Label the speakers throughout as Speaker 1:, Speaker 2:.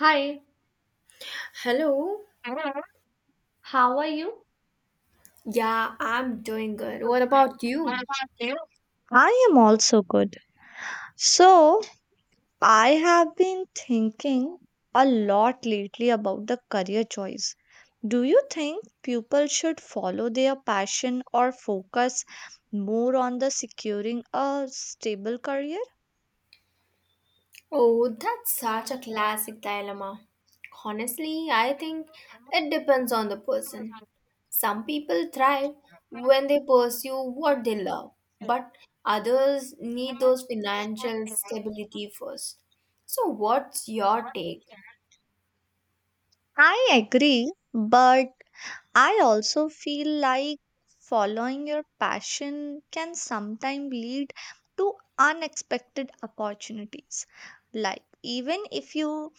Speaker 1: Hi,
Speaker 2: Hello.
Speaker 1: how are
Speaker 2: Yeah, I'm doing good. What about you?
Speaker 1: you? I am also good. So, I have been thinking a lot lately about the career choice. Do you think people should follow their passion or focus more on the securing a stable career?
Speaker 2: Oh, that's such a classic dilemma. Honestly, I think it depends on the person. Some people thrive when they pursue what they love, but others need those financial stability first. So, what's your take?
Speaker 1: I agree, but I also feel like following your passion can sometimes lead to unexpected opportunities. Like, even if you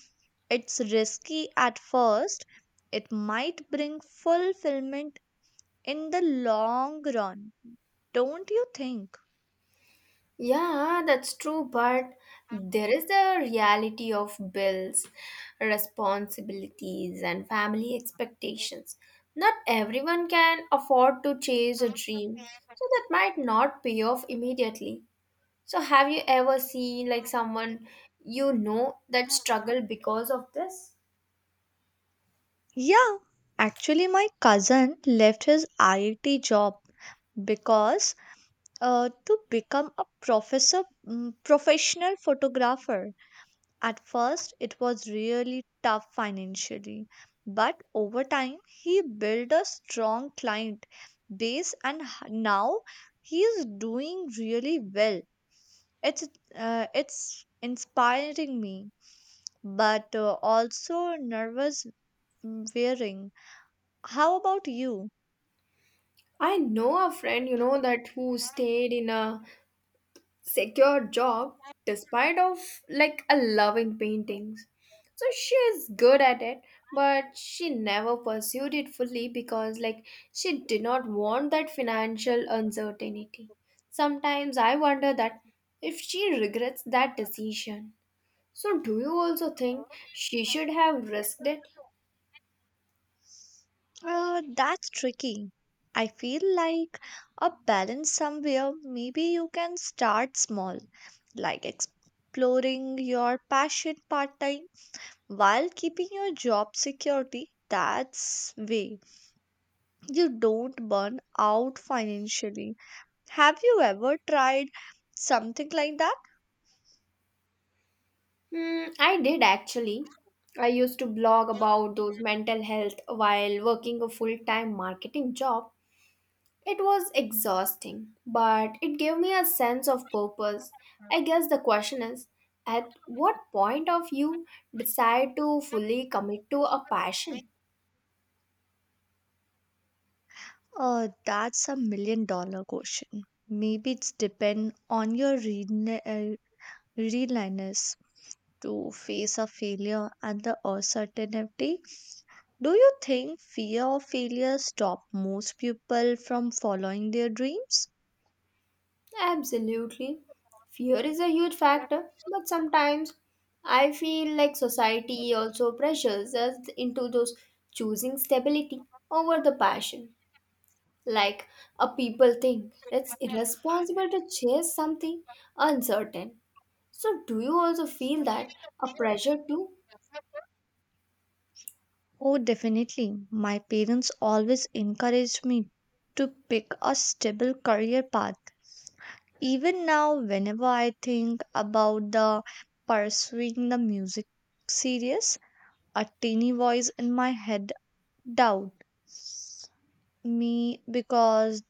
Speaker 1: it's risky at first, it might bring fulfillment in the long run. Don't you think?
Speaker 2: Yeah, that's true, but there is the reality of bills, responsibilities, and family expectations. Not everyone can afford to chase a dream, so that might not pay off immediately. So, have you ever seen like someone you know that struggled because of this?
Speaker 1: Yeah, actually, my cousin left his IIT job because to become a professor professional photographer. At first it was really tough financially, but over time he built a strong client base and now he is doing really well. It's it's inspiring me, but also nervous, wearing. How about you?
Speaker 2: I know a friend, that who stayed in a secure job despite of like a loving paintings. So she is good at it, but she never pursued it fully because like she did not want that financial uncertainty. Sometimes I wonder that if she regrets that decision. So do you also think she should have risked it?
Speaker 1: That's tricky. I feel like a balance somewhere. Maybe you can start small, like exploring your passion part time while keeping your job security. That's way you don't burn out financially. Have you ever tried something like that?
Speaker 2: Hmm, I did actually. I used to blog about those mental health while working a full-time marketing job. It was exhausting, but it gave me a sense of purpose. I guess the question is at what point of you decide to fully commit to a passion?
Speaker 1: That's a million-dollar question. Maybe it's depend on your region, readiness to face a failure and the uncertainty. Do you think fear of failure stop most people from following their dreams?
Speaker 2: Absolutely. Fear is a huge factor, but sometimes I feel like society also pressures us into those choosing stability over the passion. Like a people think it's irresponsible to chase something uncertain. So, do you also feel that a pressure too?
Speaker 1: Oh, definitely. My parents always encouraged me to pick a stable career path. Even now, whenever I think about the pursuing the music series, a teeny voice in my head doubt me because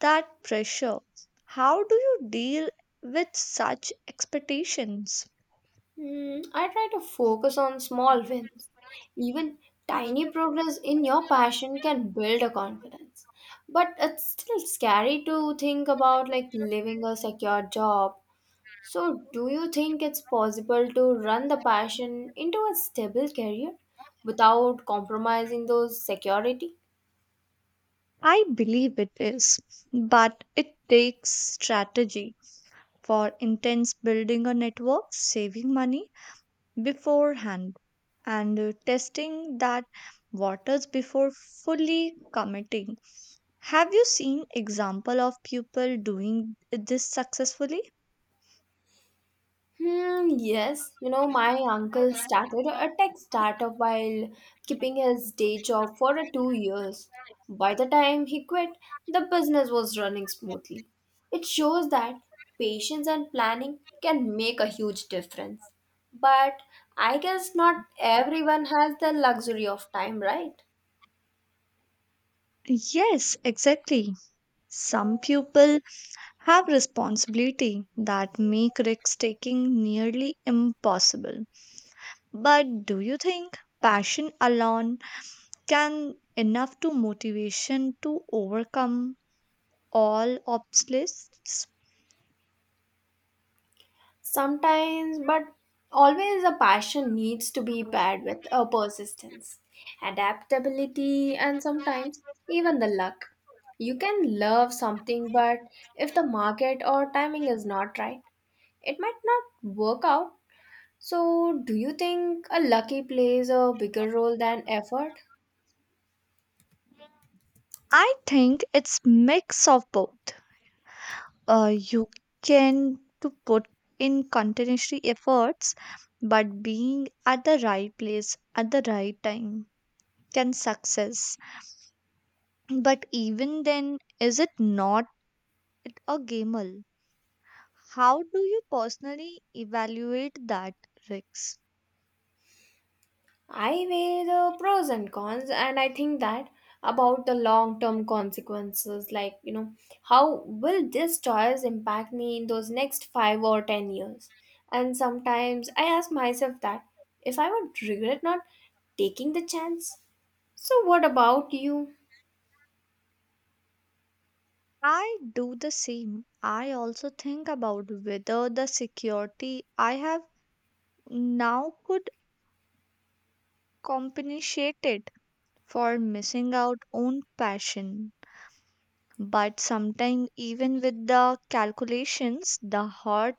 Speaker 1: that pressure. How do you deal with such expectations?
Speaker 2: Hmm, I try to focus on small wins. Even tiny progress in your passion can build a confidence. But it's still scary to think about like leaving a secure job. So, do you think it's possible to run the passion into a stable career without compromising those security?
Speaker 1: I believe it is, but it takes strategy for intense building a network, saving money beforehand, and testing that waters before fully committing. Have you seen example of people doing this successfully?
Speaker 2: Hmm, yes, my uncle started a tech startup while keeping his day job for 2 years. By the time he quit, the business was running smoothly. It shows that patience and planning can make a huge difference. But I guess not everyone has the luxury of time, right?
Speaker 1: Yes, exactly. Some people have responsibility that make risk taking nearly impossible. But do you think passion alone can enough to motivation to overcome all obstacles?
Speaker 2: Sometimes, but always a passion needs to be paired with a persistence, adaptability, and sometimes even the luck. You can love something, but if the market or timing is not right, it might not work out. So, do you think a lucky plays a bigger role than effort?
Speaker 1: I think it's mix of both. You can to put in continuously efforts, but being at the right place at the right time can success. But even then, is it not at a gamble. How do you personally evaluate that risk?
Speaker 2: I weigh the pros and cons, and I think that about the long term consequences like, how will this choice impact me in those next 5 or 10 years? And sometimes I ask myself that if I would regret not taking the chance. So, what about you?
Speaker 1: I do the same. I also think about whether the security I have now could compensate it for missing out on passion. But sometimes even with the calculations, the heart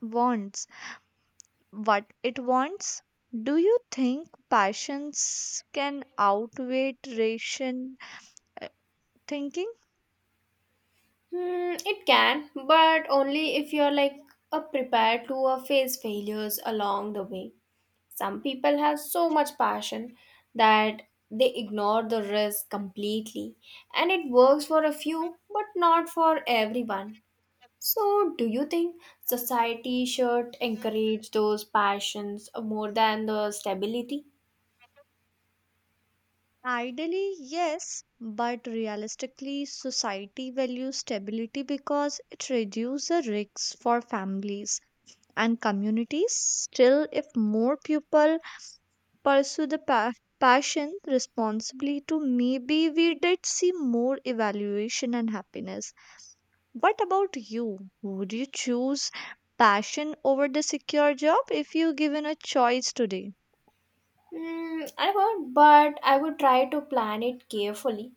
Speaker 1: wants what it wants. Do you think passions can outweigh ration uh, thinking?
Speaker 2: Hmm, it can, but only if you're like a prepared to face failures along the way. Some people have so much passion that they ignore the risk completely, and it works for a few but not for everyone. So, do you think society should encourage those passions more than the stability?
Speaker 1: Ideally, yes, but realistically, society values stability because it reduces the risks for families and communities. Still, if more people pursue the passion responsibly, to maybe we did see more evaluation and happiness. What about you? Would you choose passion over the secure job if you given a choice today?
Speaker 2: Mm, I would, but I would try to plan it carefully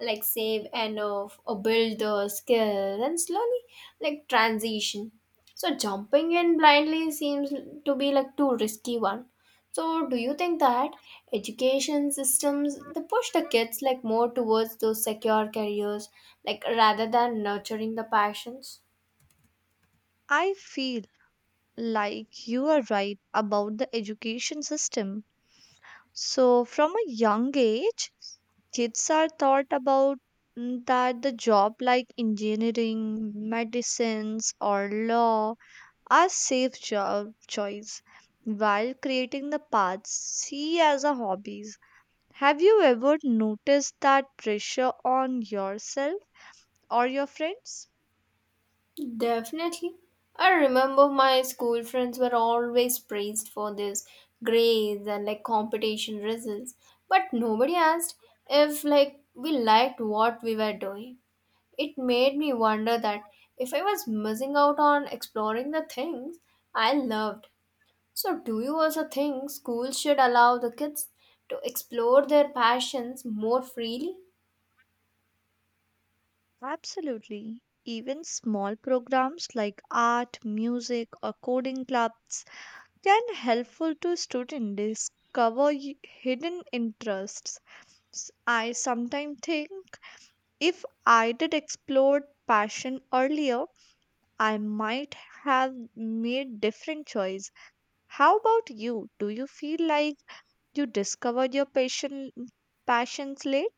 Speaker 2: like save enough or build the skill and slowly like transition. So jumping in blindly seems to be like too risky one. So do you think that education systems they push the kids like more towards those secure careers like rather than nurturing the passions?
Speaker 1: I feel like you are right about the education system. So, from a young age, kids are taught about that the job like engineering, medicines, or law are safe job choice while creating the paths see as a hobbies. Have you ever noticed that pressure on yourself or your friends?
Speaker 2: Definitely. I remember my school friends were always praised for this grades and like competition results, but nobody asked if like we liked what we were doing. It made me wonder that if I was missing out on exploring the things I loved. So, do you also think schools should allow the kids to explore their passions more freely?
Speaker 1: Absolutely. Even small programs like art, music, or coding clubs can helpful to students discover hidden interests. I sometimes think if I did explore passion earlier, I might have made different choice. How about you? Do you feel like you discovered your passions late?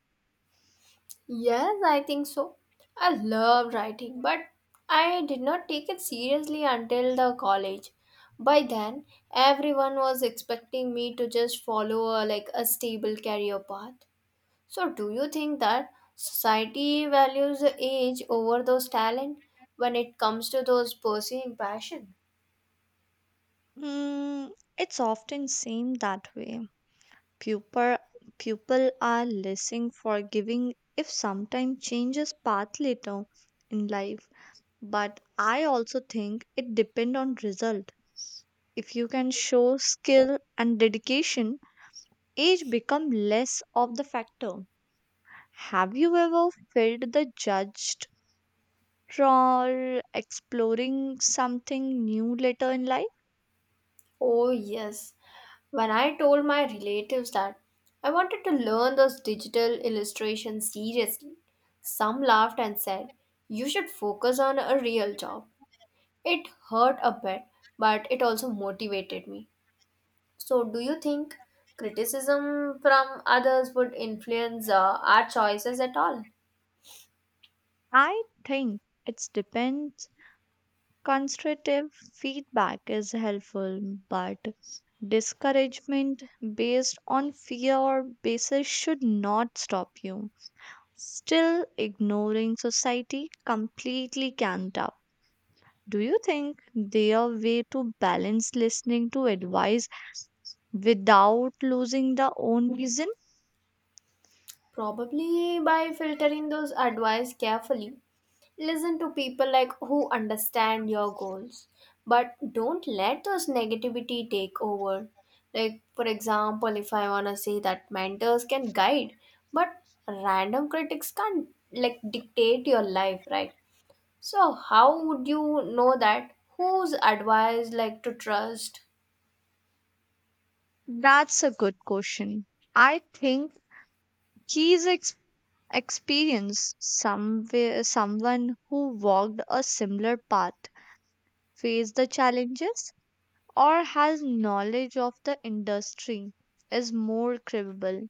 Speaker 2: Yes, I think so. I love writing, but I did not take it seriously until the college. By then, everyone was expecting me to just follow a, like a stable career path. So, do you think that society values age over those talent when it comes to those pursuing passion?
Speaker 1: Mm, it's often seem that way. Pupil, pupil are lessing forgiving if sometime changes path later in life. But I also think it depend on result. If you can show skill and dedication, age become less of the factor. Have you ever felt the judged for exploring something new later in life?
Speaker 2: Oh, yes. When I told my relatives that I wanted to learn those digital illustrations seriously, some laughed and said, "You should focus on a real job." It hurt a bit, but it also motivated me. So, do you think criticism from others would influence our choices at all?
Speaker 1: I think it depends. Constructive feedback is helpful, but discouragement based on fear or basis should not stop you. Still, ignoring society completely can not up. Do you think their way to balance listening to advice without losing the own reason?
Speaker 2: Probably by filtering those advice carefully. Listen to people like who understand your goals, but don't let those negativity take over. Like for example, if I wanna say that mentors can guide, but random critics can't like dictate your life, right? So how would you know that whose advice like to trust?
Speaker 1: That's a good question. I think key is experience somewhere, someone who walked a similar path, faced the challenges, or has knowledge of the industry is more credible.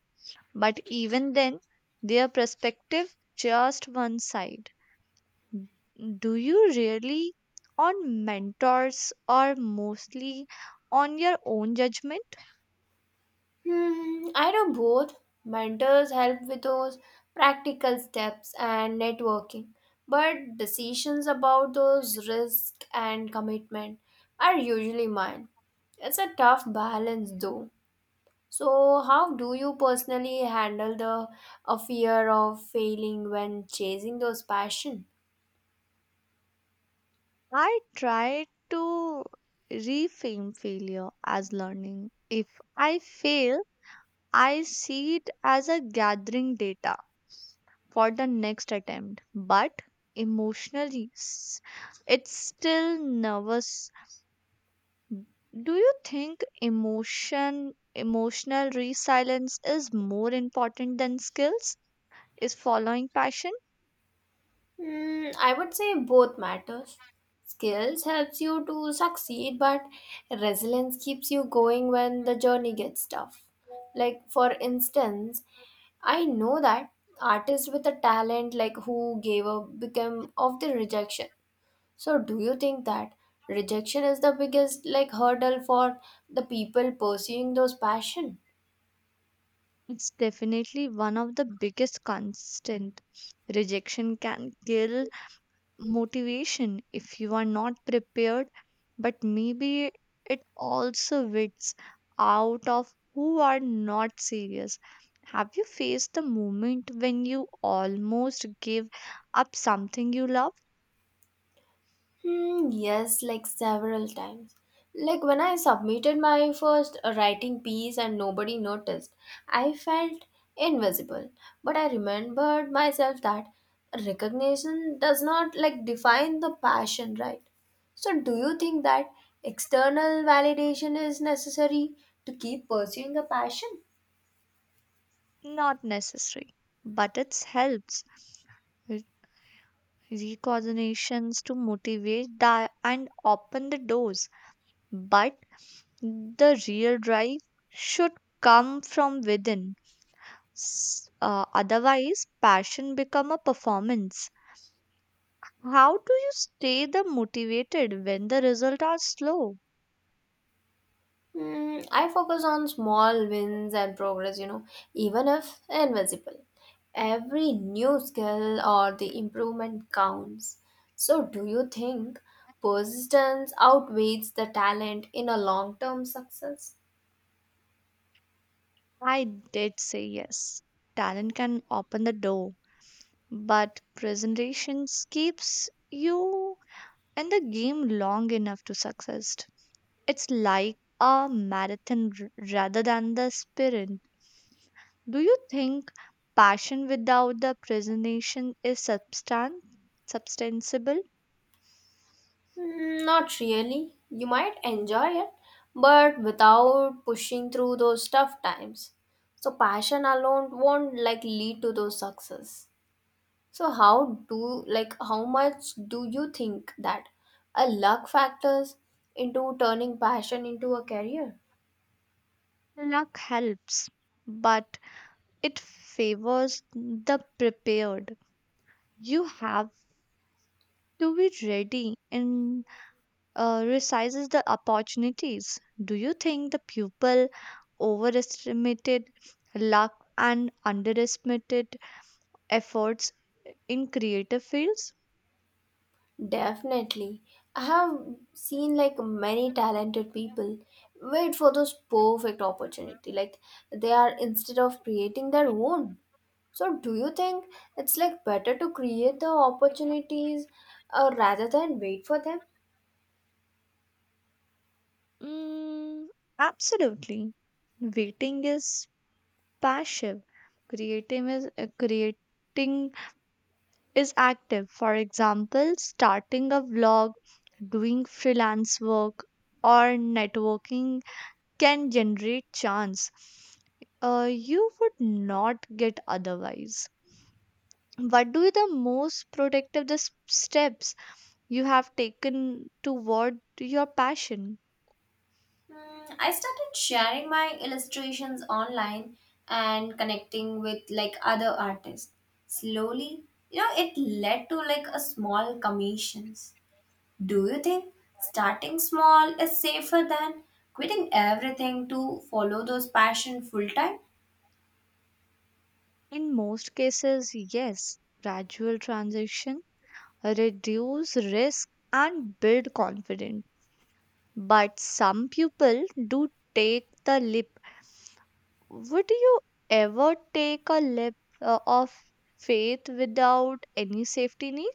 Speaker 1: But even then, their perspective just one side. Do you really on mentors or mostly on your own judgment?
Speaker 2: Hmm, I do both. Mentors help with those practical steps and networking, but decisions about those risk and commitment are usually mine. It's a tough balance though. So, how do you personally handle the a fear of failing when chasing those passion?
Speaker 1: I try to reframe failure as learning. If I fail, I see it as a gathering data for the next attempt, but emotionally it's still nervous. Do you think emotion emotional resilience is more important than skills? Is following passion?
Speaker 2: Mm, I would say both matters. Skills helps you to succeed, but resilience keeps you going when the journey gets tough. Like for instance, I know that artists with a talent like who gave up became of the rejection. So do you think that rejection is the biggest like hurdle for the people pursuing those passion?
Speaker 1: It's definitely one of the biggest constant. Rejection can kill motivation if you are not prepared, but maybe it also weeds out of who are not serious. Have you faced the moment when you almost gave up something you love?
Speaker 2: Hmm, yes, like several times. Like when I submitted my first writing piece and nobody noticed, I felt invisible. But I remembered myself that recognition does not like define the passion, right? So, do you think that external validation is necessary to keep pursuing a passion?
Speaker 1: Not necessary, but it helps re- recoordinations to motivate that and open the doors. But the real drive should come from within. Otherwise passion become a performance. How do you stay the motivated when the results are slow?
Speaker 2: Mm, I focus on small wins and progress, even if invisible. Every new skill or the improvement counts. So, do you think persistence outweighs the talent in a long term success?
Speaker 1: I did say yes. Talent can open the door, but presentations keeps you in the game long enough to success. It's like a marathon rather than the sprint. Do you think passion without the presentation is substantiable?
Speaker 2: Mm, not really. You might enjoy it, but without pushing through those tough times. So, passion alone won't like lead to those success. So how do like how much do you think that a luck factors into turning passion into a career?
Speaker 1: Luck helps, but it favors the prepared. You have to be ready and resizes the opportunities. Do you think the pupil overestimated luck and underestimated efforts in creative fields?
Speaker 2: Definitely. I have seen like many talented people wait for those perfect opportunity like they are instead of creating their own. So do you think it's like better to create the opportunities rather than wait for them?
Speaker 1: Mm, absolutely. Waiting is passive. Creative is creating is active. For example, starting a blog, doing freelance work, or networking can generate chance you would not get otherwise. What do you the most productive the steps you have taken toward your passion?
Speaker 2: Mm, I started sharing my illustrations online and connecting with like other artists. Slowly, it led to like a small commissions. Do you think starting small is safer than quitting everything to follow those passion full time?
Speaker 1: In most cases, yes, gradual transition, reduce risk, and build confidence. But some people do take the leap. Would you ever take a leap of faith without any safety net?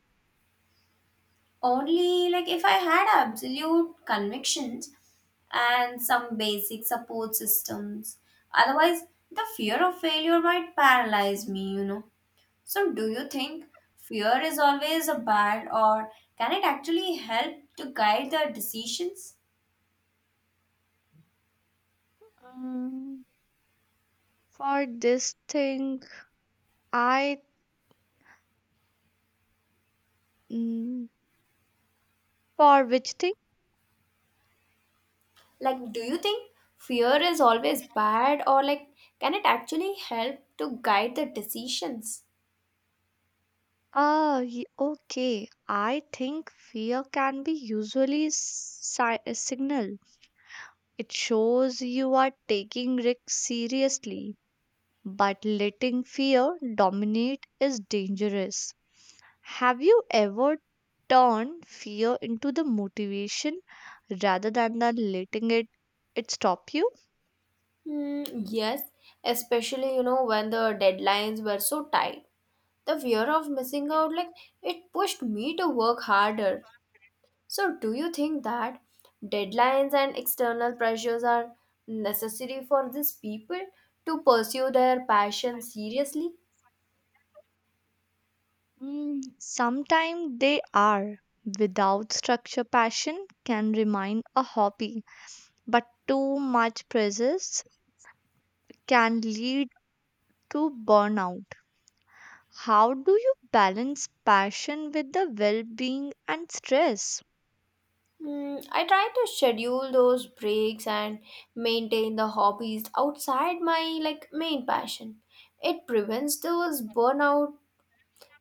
Speaker 2: Only like if I had absolute convictions and some basic support systems. Otherwise, the fear of failure might paralyze me. So, do you think fear is always a bad, or can it actually help to guide the decisions?
Speaker 1: Um, for this thing, I. mm, for which thing?
Speaker 2: Like, do you think fear is always bad, or like, can it actually help to guide the decisions?
Speaker 1: Okay. I think fear can be usually a signal. It shows you are taking risk seriously, but letting fear dominate is dangerous. Have you ever turned fear into the motivation rather than the letting it stop you?
Speaker 2: Hmm, yes, especially when the deadlines were so tight. The fear of missing out, like, it pushed me to work harder. So, do you think that deadlines and external pressures are necessary for these people to pursue their passion seriously?
Speaker 1: Mm, sometimes they are. Without structure, passion can remain a hobby, but too much presence can lead to burnout. How do you balance passion with the well-being and stress?
Speaker 2: Mm, I try to schedule those breaks and maintain the hobbies outside my like main passion. It prevents those burnout.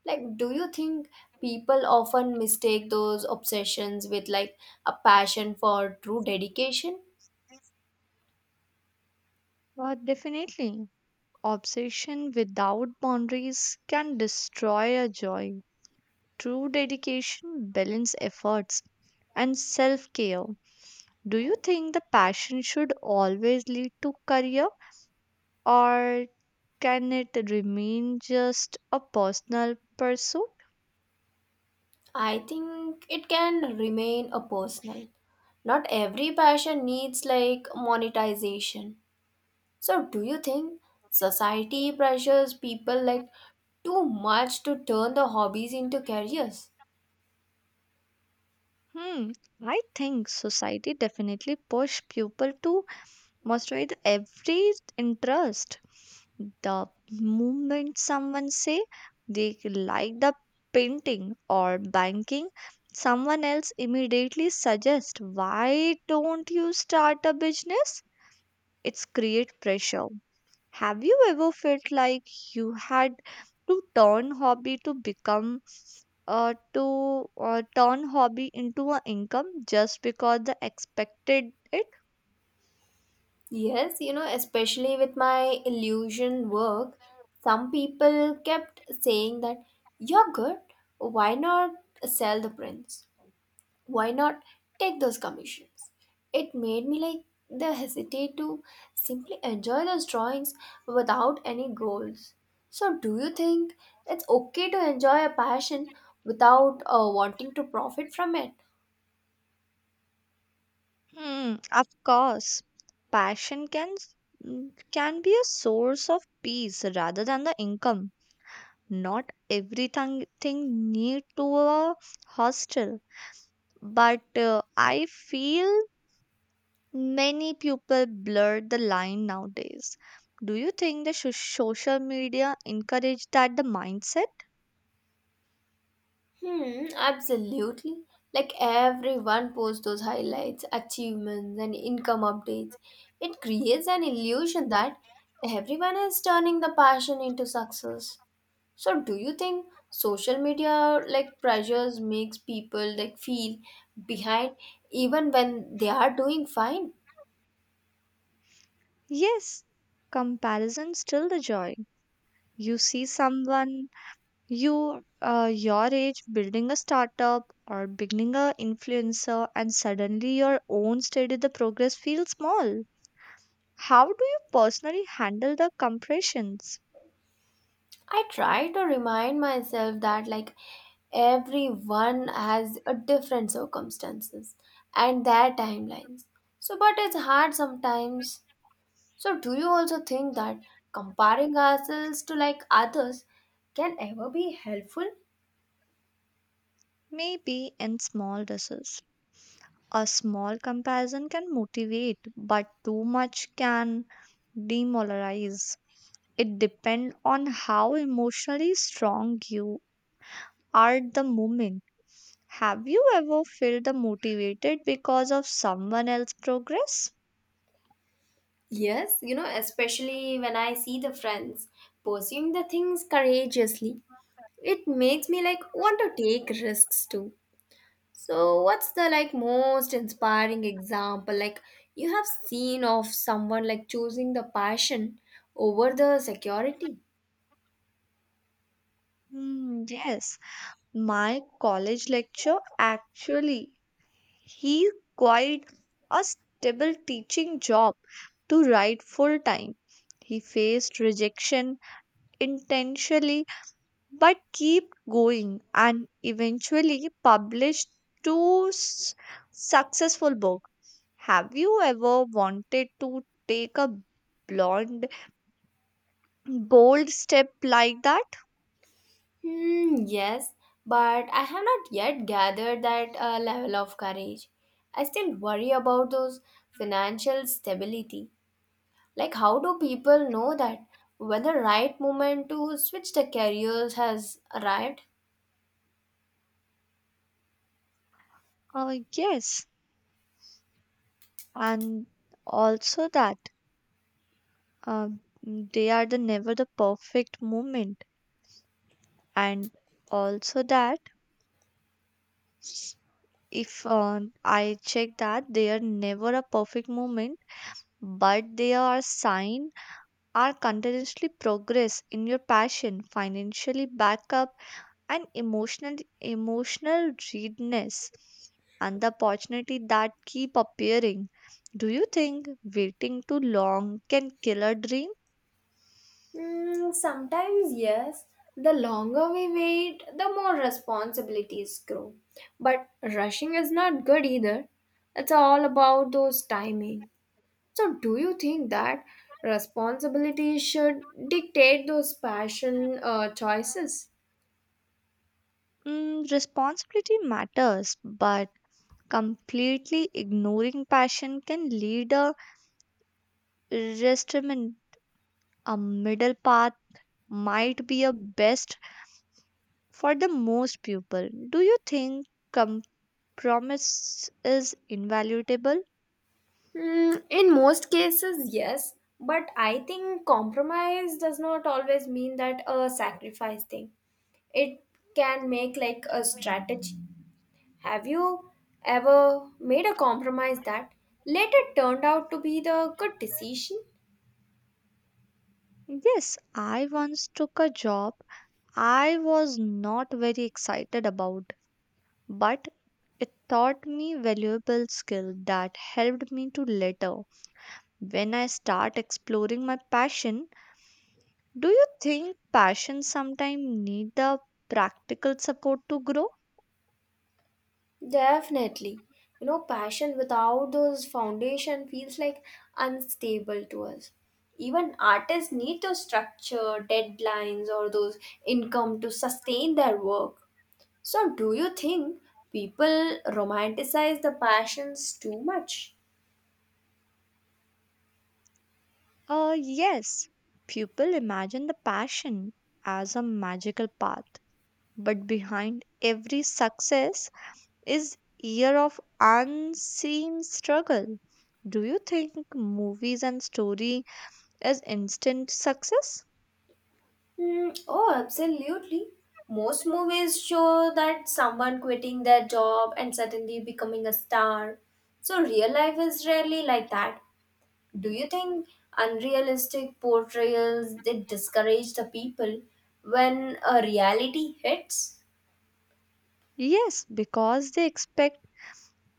Speaker 2: Like, do you think people often mistake those obsessions with like a passion for true dedication?
Speaker 1: Well, definitely. Obsession without boundaries can destroy a joy. True dedication, balance efforts, and self care. Do you think the passion should always lead to career or can it remain just a personal pursuit?
Speaker 2: I think it can remain a personal. Not every passion needs like monetization. So do you think society pressures people like too much to turn the hobbies into careers?
Speaker 1: Hmm, I think society definitely push people to master every interest. The moment someone say they like the painting or banking, someone else immediately suggest why don't you start a business. It's create pressure. Have you ever felt like you had to turn hobby to become to turn hobby into an income just because they expected it?
Speaker 2: Yes, especially with my illusion work, some people kept saying that you're good, why not sell the prints? Why not take those commissions? It made me like the hesitate to simply enjoy those drawings without any goals. So do you think it's okay to enjoy a passion without wanting to profit from it?
Speaker 1: Hmm, of course, passion mm, can be a source of peace rather than the income. Not everything thing need to a hostel, but uh, I feel many people blur the line nowadays. Do you think the social media encourage that the mindset?
Speaker 2: Hmm, absolutely. Like everyone posts those highlights achievements and income updates. It creates an illusion that everyone is turning the passion into success. So do you think social media like pressures makes people like feel behind even when they are doing fine?
Speaker 1: Yes, comparison still the joy. You see someone your age building a startup or beginning a influencer and suddenly your own steady the progress feels small. How do you personally handle the compressions?
Speaker 2: I try to remind myself that like everyone has a different circumstances and their timelines. So but it's hard sometimes. So do you also think that comparing ourselves to like others can ever be helpful?
Speaker 1: Maybe in small doses a small comparison can motivate, but too much can demoralize. It depends on how emotionally strong you are at the moment. Have you ever felt the motivated because of someone else's progress?
Speaker 2: Yes, especially when I see the friends pursuing the things courageously, it makes me like want to take risks too. So, what's the like most inspiring example like you have seen of someone like choosing the passion over the security?
Speaker 1: Mm, yes, my college lecture actually. He quit a stable teaching job to write full time. He faced rejection intentionally but kept going and eventually published two successful books. Have you ever wanted to take a blonde bold step like that?
Speaker 2: Hmm, yes, but I have not yet gathered that level of courage. I still worry about those financial stability. Like, how do people know that when the right moment to switch the careers has arrived?
Speaker 1: Yes, and also that. They are the never the perfect moment and also that if I check that they are never a perfect moment, but they are sign are continuously progress in your passion, financially backup, and emotional readiness and the opportunity that keep appearing. Do you think waiting too long can kill a dream?
Speaker 2: Mm, sometimes, yes. The longer we wait, the more responsibilities grow. But rushing is not good either. It's all about those timing. So, do you think that responsibility should dictate those passion choices?
Speaker 1: Mm, responsibility matters, but completely ignoring passion can lead a restraint. A middle path might be a best for the most people. Do you think compromise is invaluable?
Speaker 2: Hmm, in most cases, yes, but I think compromise does not always mean that a sacrifice thing. It can make like a strategy. Have you ever made a compromise that later turned out to be the good decision?
Speaker 1: Yes, I once took a job I was not very excited about, but it taught me valuable skill that helped me to later when I start exploring my passion. Do you think passion sometimes need the practical support to grow?
Speaker 2: Definitely. Passion without those foundation feels like unstable to us. Even artists need those structure, deadlines, or those income to sustain their work. So, do you think people romanticize the passions too much?
Speaker 1: Yes. People imagine the passion as a magical path, but behind every success is year of unseen struggle. Do you think movies and story is instant success?
Speaker 2: Hmm. Oh, absolutely. Most movies show that someone quitting their job and suddenly becoming a star. So, real life is rarely like that. Do you think unrealistic portrayals they discourage the people when a reality hits?
Speaker 1: Yes, because they expect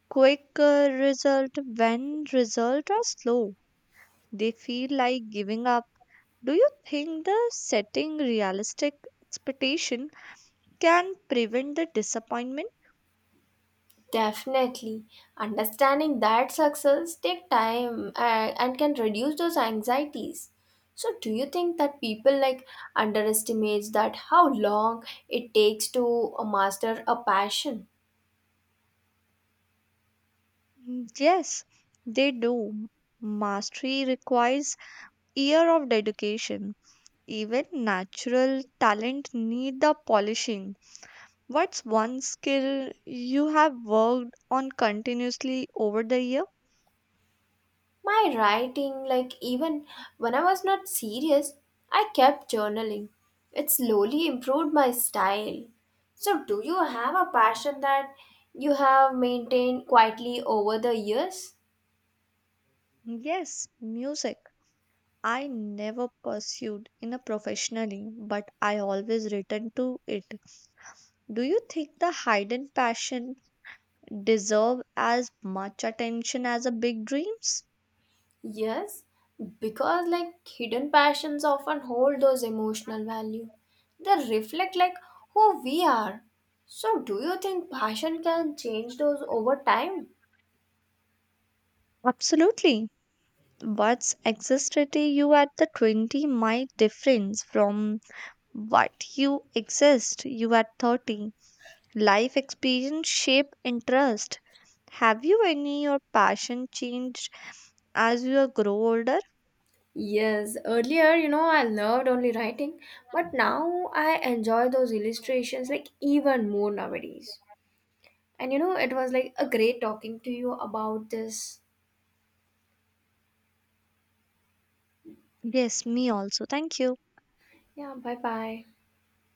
Speaker 1: quick result when results are slow. They feel like giving up. Do you think the setting realistic expectation can prevent the disappointment?
Speaker 2: Definitely. Understanding that success take time and can reduce those anxieties. So do you think that people like underestimates that how long it takes to master a passion?
Speaker 1: Mm, yes, they do. Mastery requires year of dedication. Even natural talent need the polishing. What's one skill you have worked on continuously over the year?
Speaker 2: My writing like even when I was not serious, I kept journaling. It slowly improved my style. So do you have a passion that you have maintained quietly over the years?
Speaker 1: Yes, music. I never pursued in a professionally, but I always return to it. Do you think the hidden passion deserve as much attention as the big dreams?
Speaker 2: Yes, because like hidden passions often hold those emotional value. They reflect like who we are. So do you think passion can change those over time?
Speaker 1: Absolutely. What's anxiety you at the 20 might difference from what you exist you at 30. Life experience shape interest. Have you any your passion changed as you grow older?
Speaker 2: Yes, earlier, I loved only writing, but now I enjoy those illustrations like even more nowadays. And it was like a great talking to you about this.
Speaker 1: Yes, me also. Thank you.
Speaker 2: Yeah, bye bye.